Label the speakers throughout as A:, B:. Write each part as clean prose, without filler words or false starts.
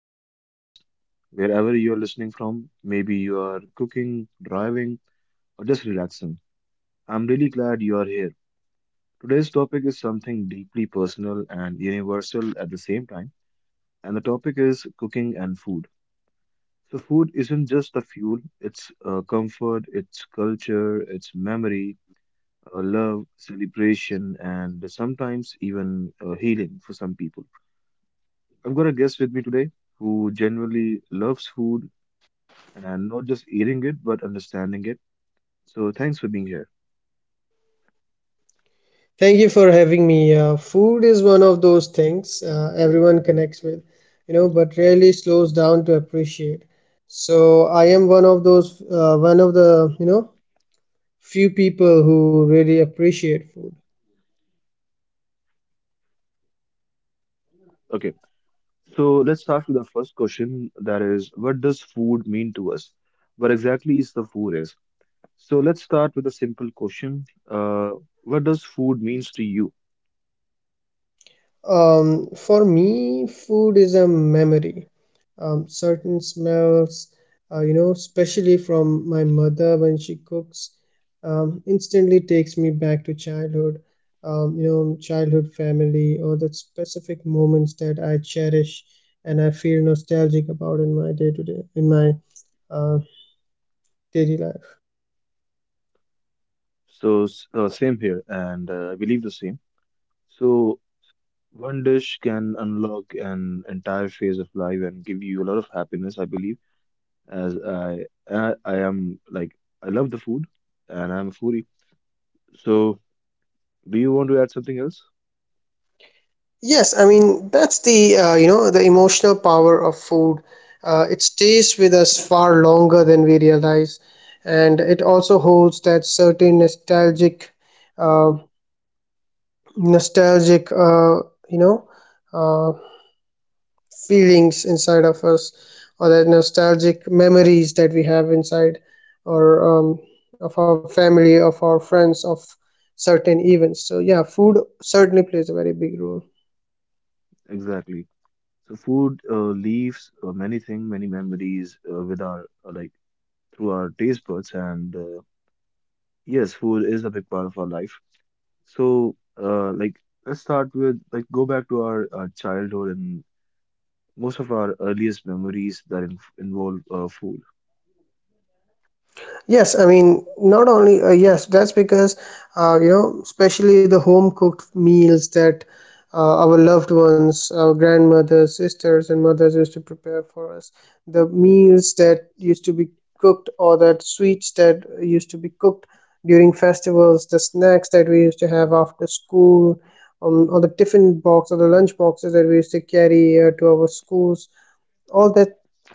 A: back to the podcast. Wherever you're listening from, maybe you are cooking, driving, or just relaxing. I'm really glad you are here. Today's topic is something deeply personal and universal at the same time, and the topic is cooking and food. So, food isn't just a fuel, it's comfort, it's culture, it's memory, love, celebration, and sometimes even healing for some people. I've got a guest with me today who generally loves food and not just hearing it, but understanding it. So thanks for being here.
B: Thank you for having me. Food is one of those things everyone connects with, you know, but rarely slows down to appreciate. So I am one of the few people who really appreciate food.
A: Okay, so let's start with the first question. That is, what does food mean to us? What exactly is the food is? So let's start with a simple question. What does food means to you?
B: For me, food is a memory. Certain smells, you know, especially from my mother when she cooks, instantly takes me back to childhood, you know, childhood family or the specific moments that I cherish and I feel nostalgic about in my day to day, in my uh, daily life.
A: So same here, and I believe the same. So one dish can unlock an entire phase of life and give you a lot of happiness. I believe, as I am like I love the food, and I'm a foodie. So. Do you want to add something else?
B: Yes, I mean that's the you know the emotional power of food. It stays with us far longer than we realize, and it also holds that certain uh, nostalgic you know uh, feelings inside of us, or that nostalgic memories that we have inside, or of our family, of our friends, of certain events. So yeah, food certainly plays a very big role.
A: Exactly. So food leaves many things, many memories with our through our taste buds, and yes, food is a big part of our life. So uh, like let's start with like go back to our childhood and most of our earliest memories that in involve food.
B: Yes, I mean, not only, yes, that's because, you know, especially the home cooked meals that our loved ones, our grandmothers, sisters, and mothers used to prepare for us. The meals that used to be cooked or that sweets that used to be cooked during festivals, the snacks that we used to have after school, or the tiffin box or the lunch boxes that we used to carry to our schools, all that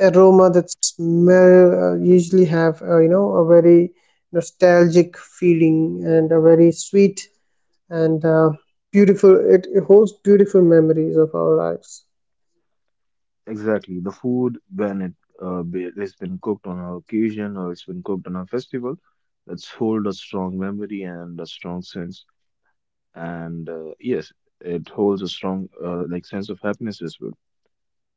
B: aroma, that smell usually have you know a very nostalgic feeling and a very sweet and beautiful, it holds beautiful memories of our lives.
A: Exactly, the food when it it's been cooked on our occasion or it's been cooked on a festival, that's hold a strong memory and a strong sense and yes, it holds a strong sense of happiness as well.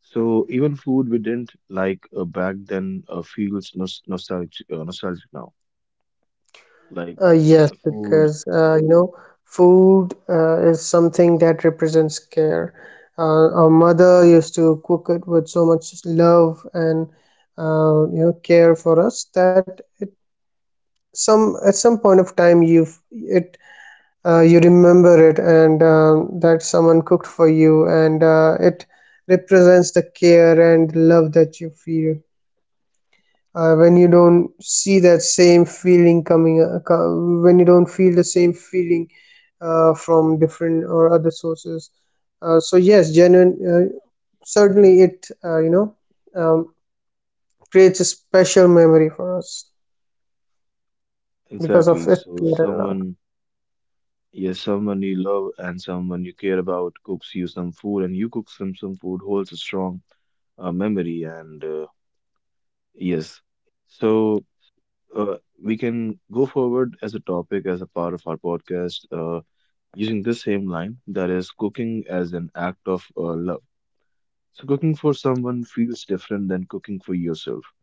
A: So even food we didn't like back then nostalgic nostalgic now, like
B: Yes,
A: the food.
B: because you know food is something that represents care. Our mother used to cook it with so much love and you know care for us, that it some at some point of time you remember it, and that someone cooked for you, and it represents the care and love that you feel when you don't see that same feeling coming co- when you don't feel the same feeling from different or other sources. So yes, genuine certainly it um, creates a special memory for us because of
A: Exactly,
B: its
A: so
B: care and love.
A: someone, yes, someone you love and someone you care about cooks you some food and you cook some food holds a strong memory and yes. So uh, we can go forward as a topic as a part of our podcast. Using the same line, that is cooking as an act of love. So cooking for someone feels different than cooking for yourself.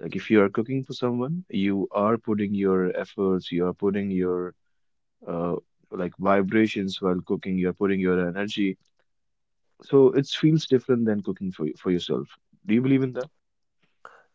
A: Like if you are cooking for someone, you are putting your efforts, you are putting your uh, vibrations while cooking, you're putting your energy. So it feels different than cooking for yourself. Do you believe in that?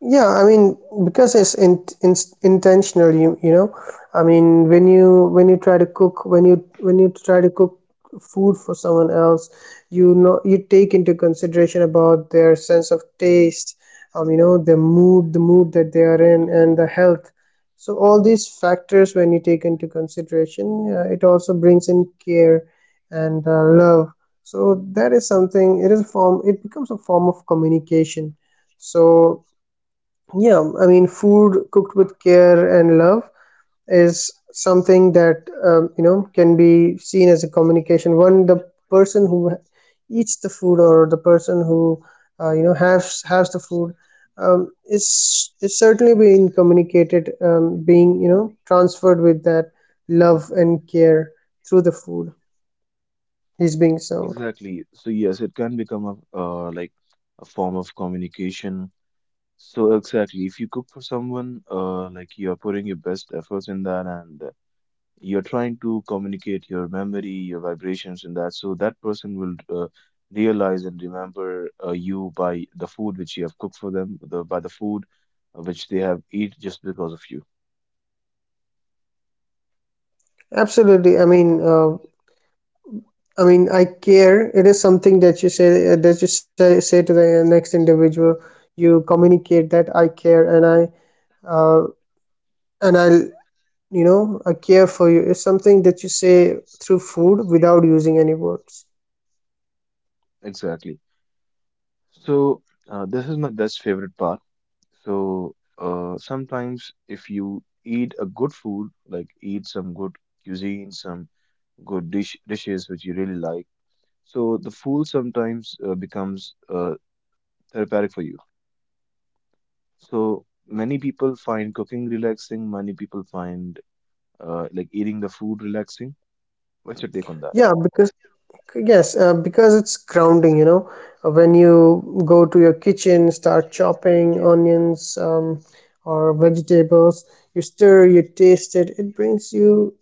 B: Yeah, I mean, because it's intentional, you know. I mean, when you try to cook when you try to cook food for someone else, you know, you take into consideration about their sense of taste, um, you know, their mood that they are in, and the health. So all these factors, when you take into consideration, it also brings in care and love. So that is something, it becomes a form of communication. So yeah, I mean, food cooked with care and love is something that, you know, can be seen as a communication. One, the person who eats the food, or the person who, you know, has the food, is certainly being communicated, being, you know, transferred with that love and care through the food he's being served.
A: Exactly, so yes, it can become a a form of communication. So exactly, if you cook for someone, you are putting your best efforts in that, and you're trying to communicate your memory, your vibrations, and that. So that person will realize and remember you by the food which you have cooked for them, the, by the food which they have eat just because of you.
B: Absolutely. I mean, I care. It is something that you say, that you say to the next individual. You communicate that I care, and uh, I'll, you know, I care for you. It's something that you say through food without using any words.
A: Exactly. So this is my best favorite part. So sometimes if you eat a good food, like eat some good cuisine, some good dishes which you really like, so the food sometimes becomes therapeutic for you. So many people find cooking relaxing, many people find eating the food relaxing. What's your take on that?
B: Yeah, because yes, because it's grounding. You know, when you go to your kitchen, start chopping onions, or vegetables. You stir, you taste it. It brings you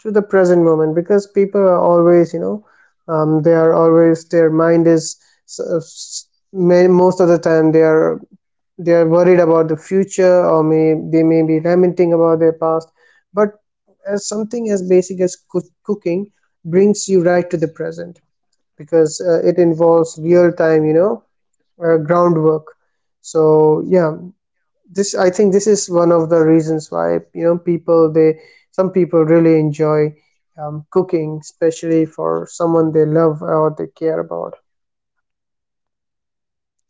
B: to the present moment, because people are always, you know, they are always, their mind is, most of the time they are, they are worried about the future, or may they may be lamenting about their past. But as something as basic as cooking brings you right to the present, because it involves real time, you know, groundwork. So yeah, this I think this is one of the reasons why, you know, people, they, some people really enjoy, cooking, especially for someone they love or they care about.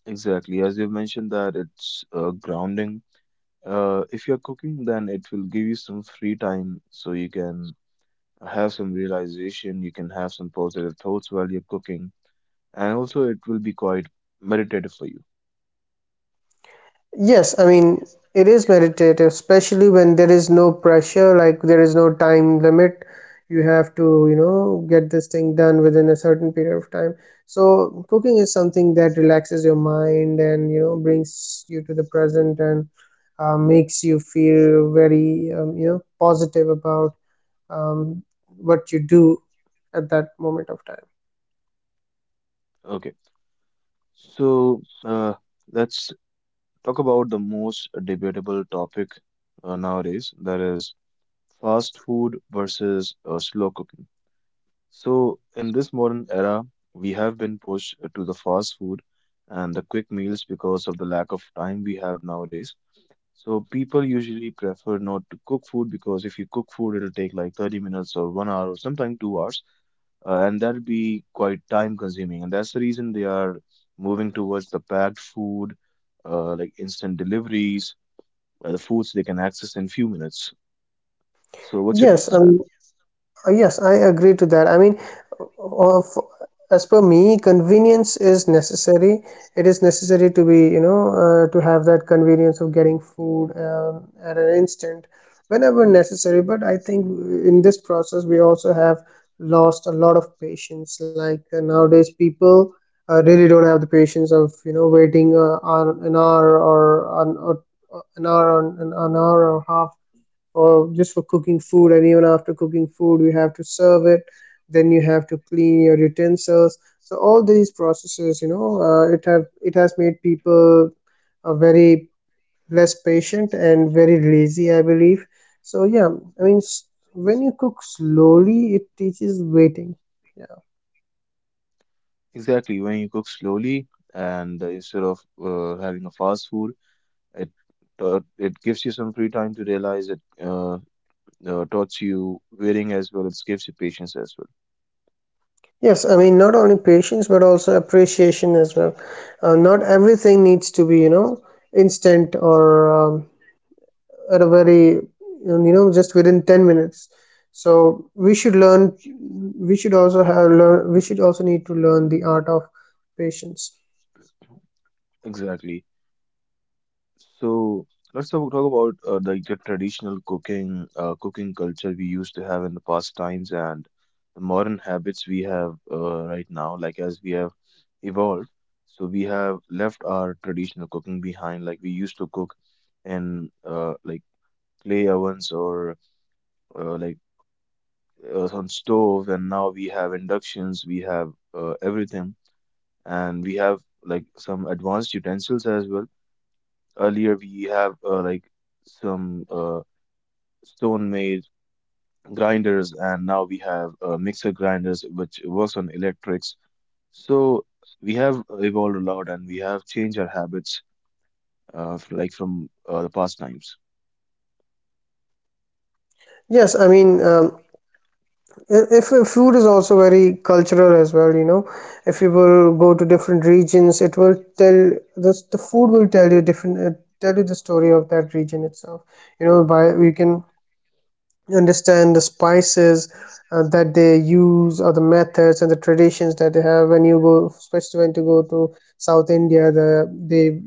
A: Exactly, as you mentioned, that it's grounding. If you're cooking, then it will give you some free time so you can have some realization, you can have some positive thoughts while you're cooking, and also it will be quite meditative for you.
B: Yes, I mean, it is meditative, especially when there is no pressure, like there is no time limit. You have to, you know, get this thing done within a certain period of time. So, cooking is something that relaxes your mind and, you know, brings you to the present, and makes you feel very, you know, positive about, what you do at that moment of time.
A: Okay, so let's talk about the most debatable topic nowadays, that is fast food versus slow cooking. So, in this modern era, we have been pushed to the fast food and the quick meals because of the lack of time we have nowadays. So, people usually prefer not to cook food because if you cook food, it'll take like 30 minutes or 1 hour or sometimes 2 hours, and that'll be quite time consuming. And that's the reason they are moving towards the packed food, like instant deliveries, the foods they can access in few minutes. So, what's your take
B: Yes.
A: on that?
B: Yes, I agree to that. I mean, of as per me, convenience is necessary. It is necessary to be, you know, to have that convenience of getting food, at an instant whenever necessary. But I think in this process, we also have lost a lot of patience. Like, nowadays, people really don't have the patience of, you know, waiting on an hour or on or an hour on an hour or half, or just for cooking food. And even after cooking food, we have to serve it, then you have to clean your utensils. So all these processes, you know, it has made people very less patient and very lazy, I believe. So yeah, I mean, when you cook slowly, it teaches waiting. Yeah.
A: Exactly. When you cook slowly and instead of having a fast food, it it gives you some free time to realize it taught you waiting as well. It gives you patience as well.
B: Yes, I mean, not only patience but also appreciation as well. Not everything needs to be, you know, instant, or, um, at a very, you know, just within 10 minutes. So we should learn, we should also need to learn the art of patience.
A: Exactly. So let's talk about the traditional cooking cooking culture we used to have in the past times and the modern habits we have right now. Like as we have evolved, so we have left our traditional cooking behind. Like we used to cook in clay ovens or uh, like on stove, and now we have inductions, we have everything, and we have like some advanced utensils as well. Earlier we have like some stone made grinders, and now we have mixer grinders which works on electrics. So we have evolved a lot and we have changed our habits like from the past times.
B: Yes, I mean, if food is also very cultural as well, you know. If you will go to different regions, it will tell, the food will tell you different, tell you the story of that region itself. You know, by you can understand the spices that they use, or the methods and the traditions that they have. When you go, especially when to go to South India, they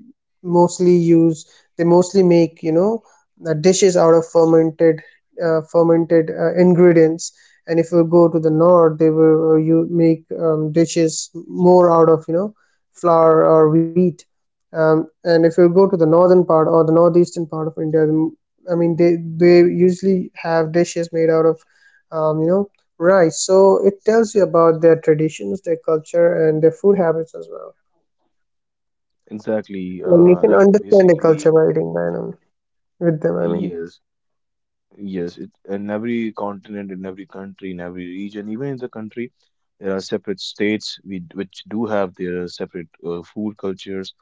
B: mostly use, they mostly make, you know, dishes out of fermented, ingredients. And if you go to the north, they will, you make, dishes more out of, you know, flour or wheat, um. And if you go to the northern part or the northeastern part of India, I mean, they usually have dishes made out of, you know, rice. So it tells you about their traditions, their culture, and their food habits as well.
A: Exactly
B: And you can understand the
A: basically
B: culture by eating by them, with them. I mean.
A: yes. Yes, it, in every continent, in every country, in every region, even in the country, there are separate states which do have their separate food cultures,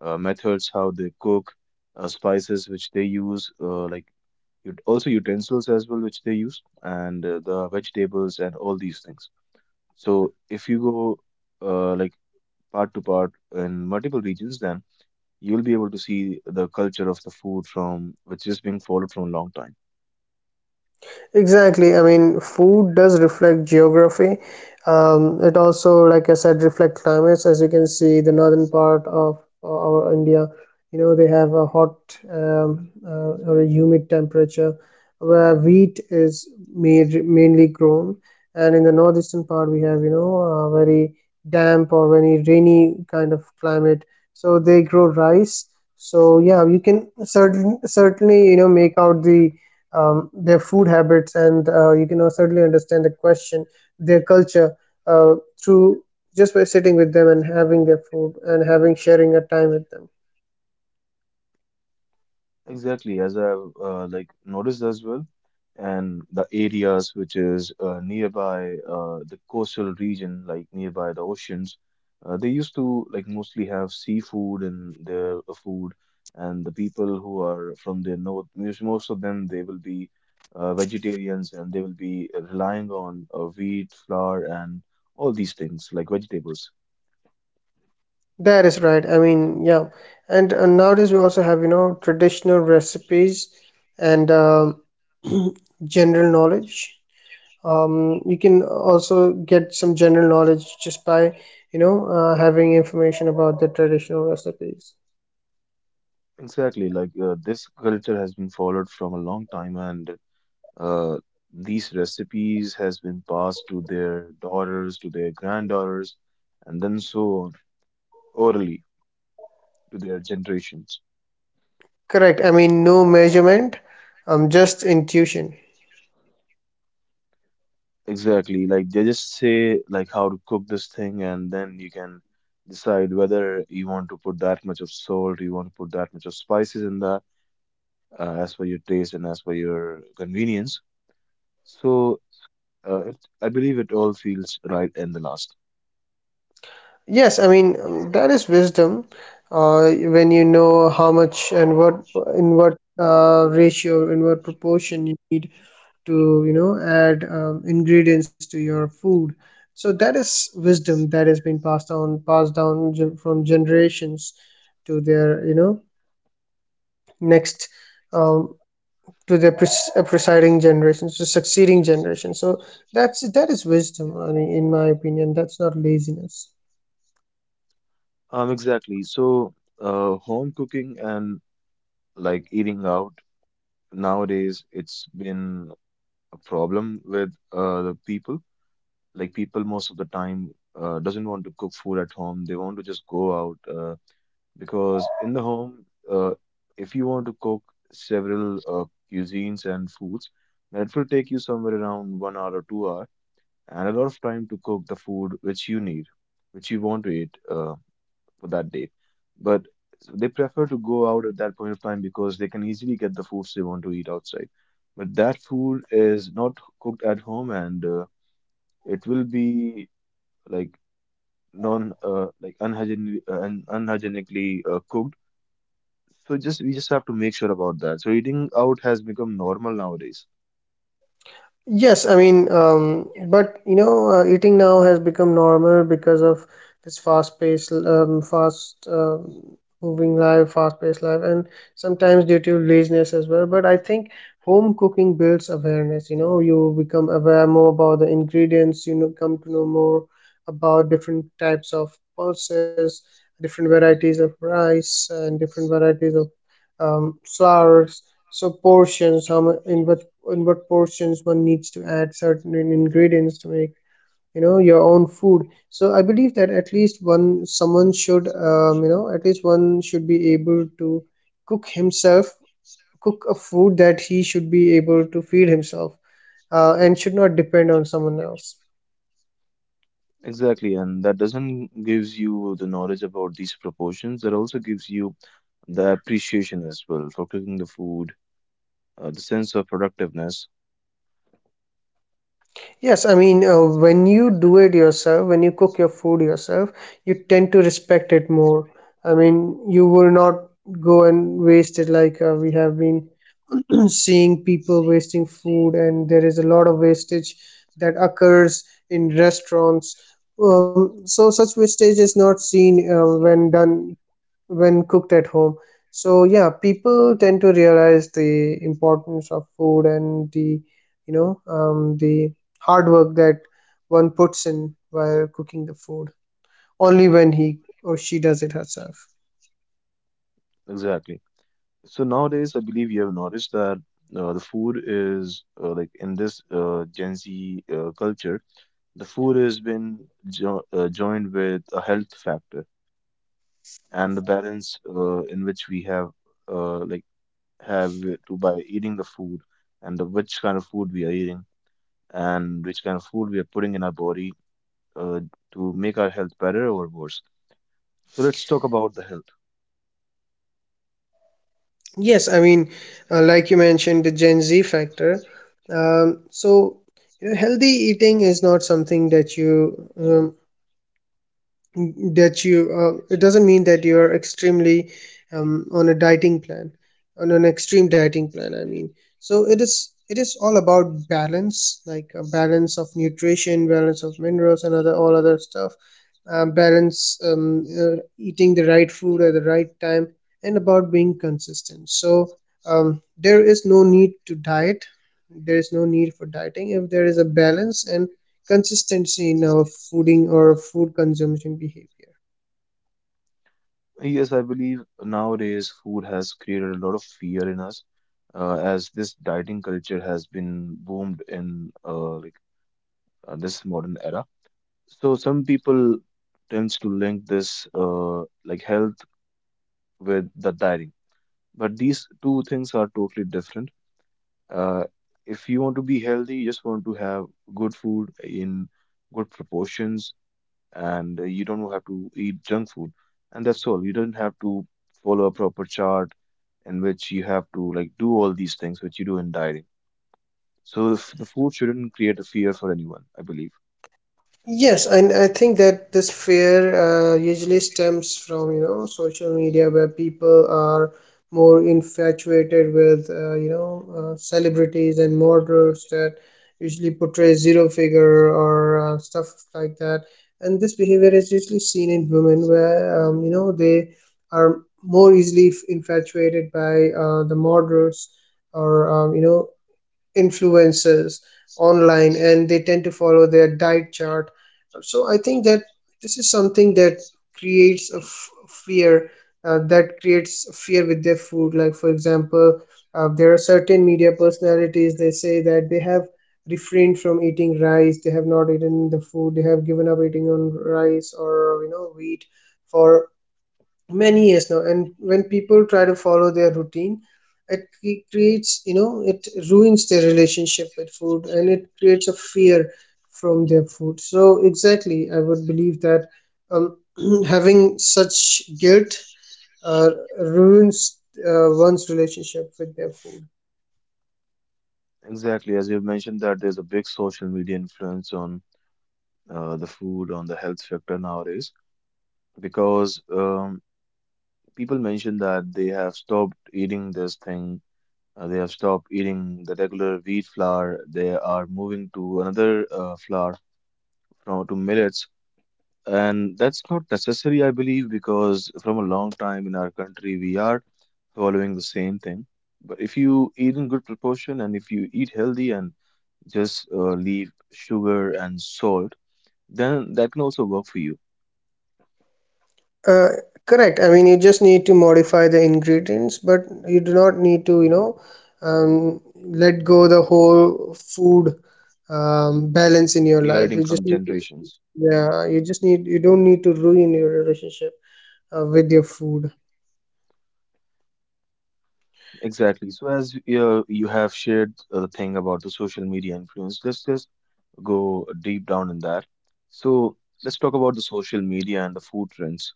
A: methods how they cook, spices which they use, also utensils as well which they use, and the vegetables and all these things. So if you go uh, like part to part in multiple regions, then you'll be able to see the culture of the food from which is being followed from a long time.
B: Exactly. I mean, food does reflect geography. It also, like I said, reflect climates. As you can see, the northern part of our India, you know, they have a hot, or a humid temperature, where wheat is made, mainly grown, and in the northeastern part we have, you know, a very damp or very rainy kind of climate. So they grow rice. So yeah, you can certainly, you know, make out the, their food habits, and you can certainly understand the question, their culture, through, just by sitting with them and having their food and having sharing a time with them.
A: Exactly, as I've noticed as well, and the areas which is nearby the coastal region, like nearby the oceans, they used to like mostly have seafood in their food, and the people who are from the north, most of them they will be vegetarians and they will be relying on wheat, flour, and all these things like vegetables.
B: That is right. I mean, yeah. And nowadays we also have, you know, traditional recipes, and general knowledge. You can also get some general knowledge just by, you know, having information about the traditional recipes.
A: Exactly, like this culture has been followed from a long time and. Uh, these recipes has been passed to their daughters, to their granddaughters, and then so on, orally to their generations.
B: Correct. I mean, no measurement, just intuition.
A: Exactly, like they just say like how to cook this thing, and then you can decide whether you want to put that much of salt, you want to put that much of spices in that, as per your taste and as per your convenience. So it, I believe it all feels right in the last.
B: Yes, I mean, that is wisdom. When you know how much and what, in what ratio, in what proportion you need to, you know, add, ingredients to your food. So that is wisdom that has been passed on, from generations to their, you know, next, um, to the presiding generation to succeeding generation. So that is wisdom, I mean, in my opinion, that's not laziness.
A: Exactly. So home cooking and like eating out nowadays it's been a problem with the people. Like people most of the time doesn't want to cook food at home. They want to just go out because in the home, uh, if you want to cook several cuisines and foods, that will take you somewhere around 1 hour or 2 hour and a lot of time to cook the food which you need, which you want to eat. For that date. But they prefer to go out at that point of time because they can easily get the foods they want to eat outside. But that food is not cooked at home and it will be like non like unhygienic, unhygienically cooked. So just we just have to make sure about that. So eating out has become normal nowadays.
B: Yes, I mean, but you know, eating now has become normal because of this fast-paced, moving life, fast-paced life, and sometimes due to laziness as well. But I think home cooking builds awareness. You know, you become aware more about the ingredients. You know, come to know more about different types of pulses, different varieties of rice, and different varieties of, flours. So portions, in what, in what portions one needs to add certain ingredients to make, you know, your own food. So I believe that at least one someone should, you know, at least one should be able to cook himself, cook a food that he should be able to feed himself, and should not depend on someone else.
A: Exactly, and that doesn't gives you the knowledge about these proportions. That also gives you the appreciation as well for cooking the food, the sense of productiveness.
B: Yes, I mean, when you do it yourself, when you cook your food yourself, you tend to respect it more. I mean, you will not go and waste it like we have been seeing people wasting food, and there is a lot of wastage that occurs in restaurants. So such wastage is not seen when done, when cooked at home. So yeah, people tend to realize the importance of food and the the hard work that one puts in while cooking the food only when he or she does it herself.
A: Exactly. So nowadays, I believe you have noticed that the food is in this Gen Z culture, the food has been jo joined with a health factor and the balance in which we have uh, like have it to by eating the food and the which kind of food we are eating and which kind of food we are putting in our body uh, to make our health better or worse. So let's talk about the health.
B: Yes, I mean, like you mentioned, the Gen Z factor. So, you know, healthy eating is not something that you it doesn't mean that you are extremely on a dieting plan, on an extreme dieting plan, I mean. So it is all about balance, like a balance of nutrition, balance of minerals and other all other stuff, balance, eating the right food at the right time, and about being consistent. So there is no need to diet, there is no need for dieting if there is a balance and consistency in our fooding or food consumption behavior.
A: Yes, I believe nowadays food has created a lot of fear in us, as this dieting culture has been boomed in this modern era. So some people tends to link this health with the dieting, but these two things are totally different. Uh, if you want to be healthy, you just want to have good food in good proportions, and you don't have to eat junk food, and that's all. You don't have to follow a proper chart in which you have to like do all these things which you do in dieting. So the food shouldn't create a fear for anyone, I believe.
B: Yes, and I think that this fear usually stems from, you know, social media, where people are more infatuated with, you know, celebrities and models that usually portray zero figure or stuff like that. And this behavior is usually seen in women where, you know, they are more easily infatuated by the models or, you know, influencers online, and they tend to follow their diet chart. So I think that this is something that creates a fear, that creates fear with their food. Like for example, there are certain media personalities, they say that they have refrained from eating rice, they have not eaten the food, they have given up eating on rice or, you know, wheat for many years now. And when people try to follow their routine, it creates, you know, it ruins their relationship with food, and it creates a fear from their food. So exactly, I would believe that um, having such guilt uh, ruins one's relationship with their food.
A: Exactly, as you've mentioned that there's a big social media influence on the food, on the health sector nowadays, because people mention that they have stopped eating this thing. They have stopped eating the regular wheat flour, they are moving to another flour, from to millets. And that's not necessary, I believe, because from a long time in our country, we are following the same thing. But if you eat in good proportion and if you eat healthy and just leave sugar and salt, then that can also work for you.
B: Uh, correct. I mean, you just need to modify the ingredients, but you do not need to, you know, let go the whole food balance in your
A: We are
B: life.
A: eating
B: You just,
A: from generations.
B: yeah, you just need, you don't need to ruin your relationship with your food.
A: Exactly. So as you have shared the thing about the social media influence, let's just go deep down in that. So let's talk about the social media and the food trends.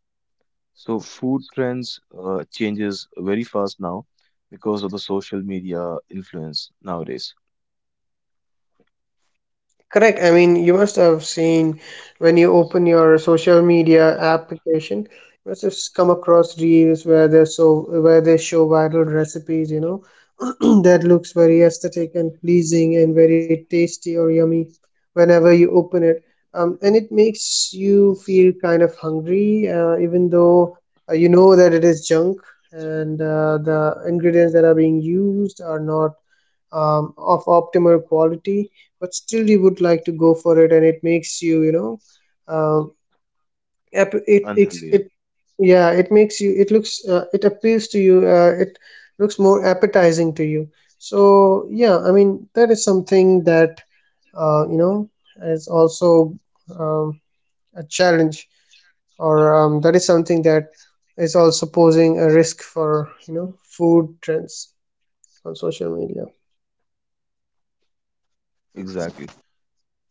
A: So food trends changes very fast now because of the social media influence nowadays.
B: Correct. I mean, you must have seen when you open your social media application, you must have come across reels where they so where they show viral recipes, you know, that looks very aesthetic and pleasing and very tasty or yummy whenever you open it. And it makes you feel kind of hungry, even though you know that it is junk, and the ingredients that are being used are not of optimal quality, but still you would like to go for it. And it makes you, you know, uh, ap- it, it
A: Unhealthier.
B: it yeah, it makes you, it looks it appeals to you, it looks more appetizing to you. So yeah, I mean that is something that, you know, is also, um, a challenge, or that is something that is also posing a risk for, you know, food trends on social media.
A: Exactly.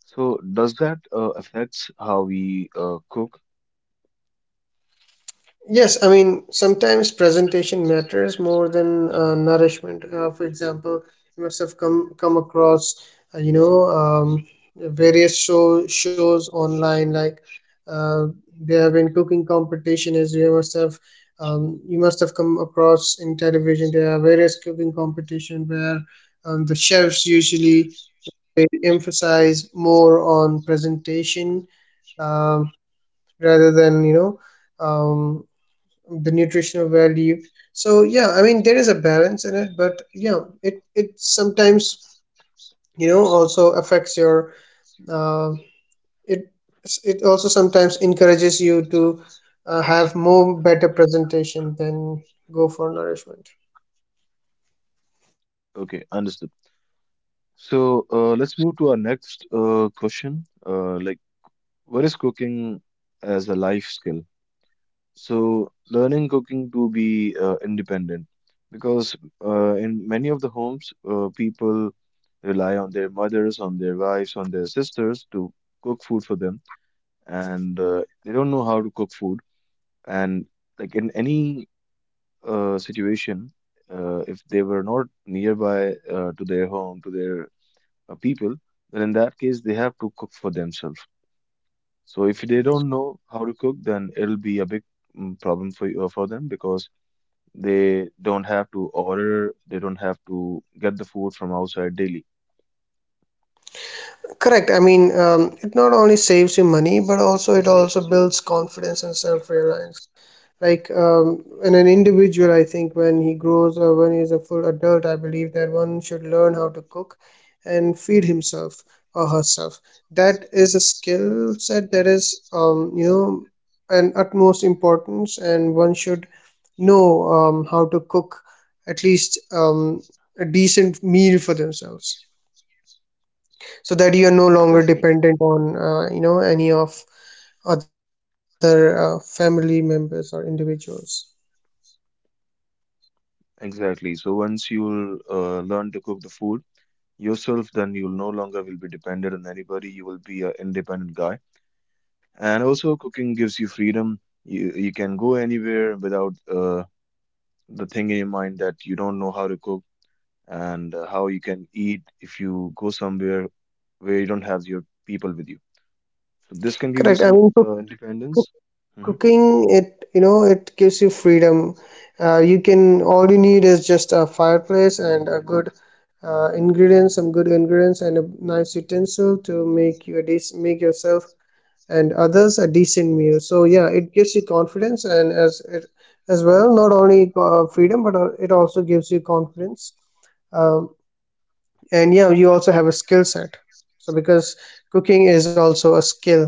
A: So does that affects how we cook?
B: Yes, I mean, sometimes presentation matters more than nourishment. For example, you must have come across, you know, shows online. Like uh, there have been cooking competition, as you must have come across in television. There are various cooking competition where the chefs usually, they emphasize more on presentation, um, rather than, you know, um, the nutritional value. So yeah, I mean there is a balance in it, but yeah, it sometimes, you know, also affects your, uh, it, it also sometimes encourages you to have more better presentation than go for nourishment.
A: Okay, understood. So let's move to our next question. Like, what is cooking as a life skill? So learning cooking to be independent, because in many of the homes, people rely on their mothers, on their wives, on their sisters to cook food for them, and they don't know how to cook food. And like in any situation, if they were not nearby to their home, to their people, then in that case, they have to cook for themselves. So if they don't know how to cook, then it'll be a big problem for you, for them, because they don't have to order, they don't have to get the food from outside daily.
B: Correct. I mean it not only saves you money, but also it also builds confidence and self-reliance. Like, in an individual, I think when he grows or when he is a full adult, I believe that one should learn how to cook and feed himself or herself. That is a skill set that is, you know, an utmost importance, and one should know, how to cook at least, a decent meal for themselves, so that you are no longer
A: Exactly.
B: dependent on, you know, any of other family members or individuals.
A: Exactly. So once you'll learn to cook the food yourself, then you'll no longer will be dependent on anybody. You will be an independent guy. And also, cooking gives you freedom. You can go anywhere without the thing in your mind that you don't know how to cook and how you can eat if you go somewhere where you don't have your people with you. So this can give you
B: Correct. I
A: some
B: mean,
A: independence. Mhm.
B: cooking, it, you know, it gives you freedom. Uh, you can, all you need is just a fireplace and a good, ingredients some good ingredients and a nice utensil to make you a make yourself and others a decent meal. So yeah, it gives you confidence, and as it as well, not only freedom, but it also gives you confidence, um, and yeah, you also have a skill set. So because cooking is also a skill,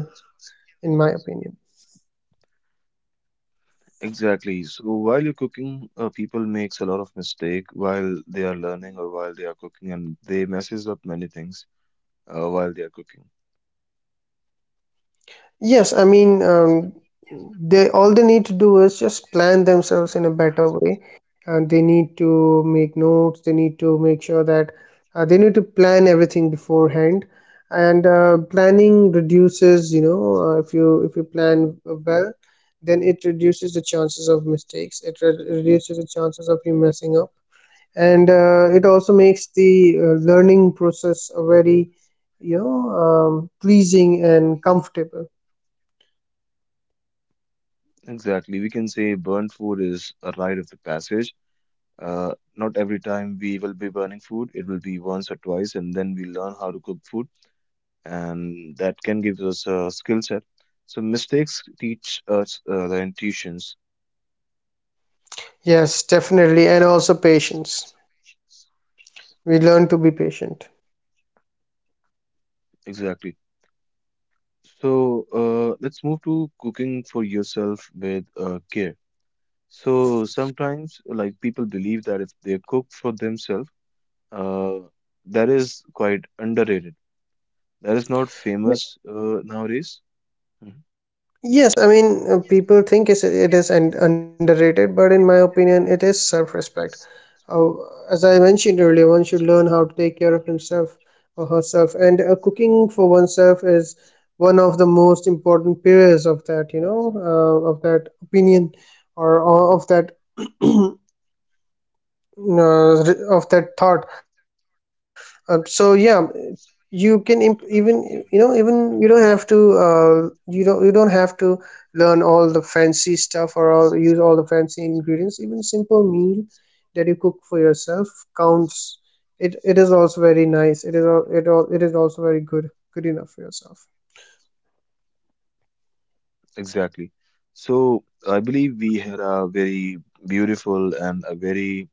B: in my opinion.
A: Exactly. So while you're cooking, people makes a lot of mistake while they are learning or while they are cooking, and they messes up many things while they are cooking.
B: Yes, I mean, they all they need to do is just plan themselves in a better way. And they need to make notes. They need to make sure that, they need to plan everything beforehand. And planning reduces, you know, if you, if you plan well, then it reduces the chances of mistakes. It re reduces the chances of you messing up, and it also makes the, learning process a very, you know, pleasing and comfortable.
A: Exactly. We can say burnt food is a rite of the passage. Not every time we will be burning food. It will be once or twice, and then we learn how to cook food, and that can give us a skill set. So mistakes teach us the intuitions.
B: Yes, definitely. And also patience. We learn to be patient.
A: Exactly. So let's move to cooking for yourself with care. So sometimes, like, people believe that if they cook for themselves, uh, that is quite underrated. That is not famous
B: Y-
A: nowadays. Mhm.
B: Yes, I mean, people think it is an underrated, but in my opinion, it is self respect. Uh, as I mentioned earlier, one should learn how to take care of himself or herself. And cooking for oneself is one of the most important pillars of that, you know, of that opinion, or of that of that thought. So yeah, you can even, you know, even you don't have to, you don't, you don't have to learn all the fancy stuff, or use all the fancy ingredients. Even simple meal that you cook for yourself counts. It is also very nice. It is it is also very good enough for yourself.
A: Exactly. So I believe we had a very beautiful and a very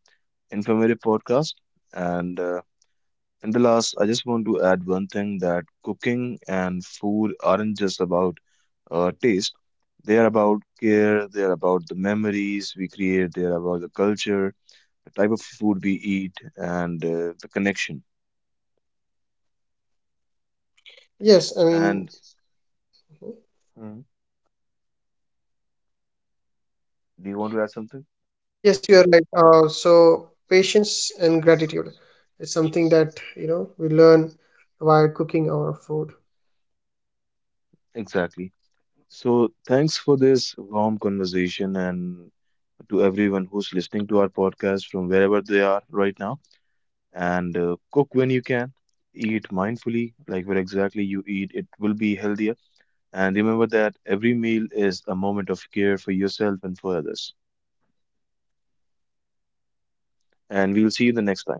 A: informative podcast, and and the last, I just want to add one thing, that cooking and food aren't just about taste. They are about care, they are about the memories we create, they are about the culture, the type of food we eat, and the connection. And
B: Yes, I mean,
A: Hmm. Do you want to add something?
B: yes, you are right. So patience and gratitude is something that, you know, we learn while cooking our food.
A: Exactly. So thanks for this warm conversation, and to everyone who's listening to our podcast from wherever they are right now, and cook when you can. Eat mindfully, like where exactly you eat, it will be healthier. And remember that every meal is a moment of care for yourself and for others. And we'll see you the next time.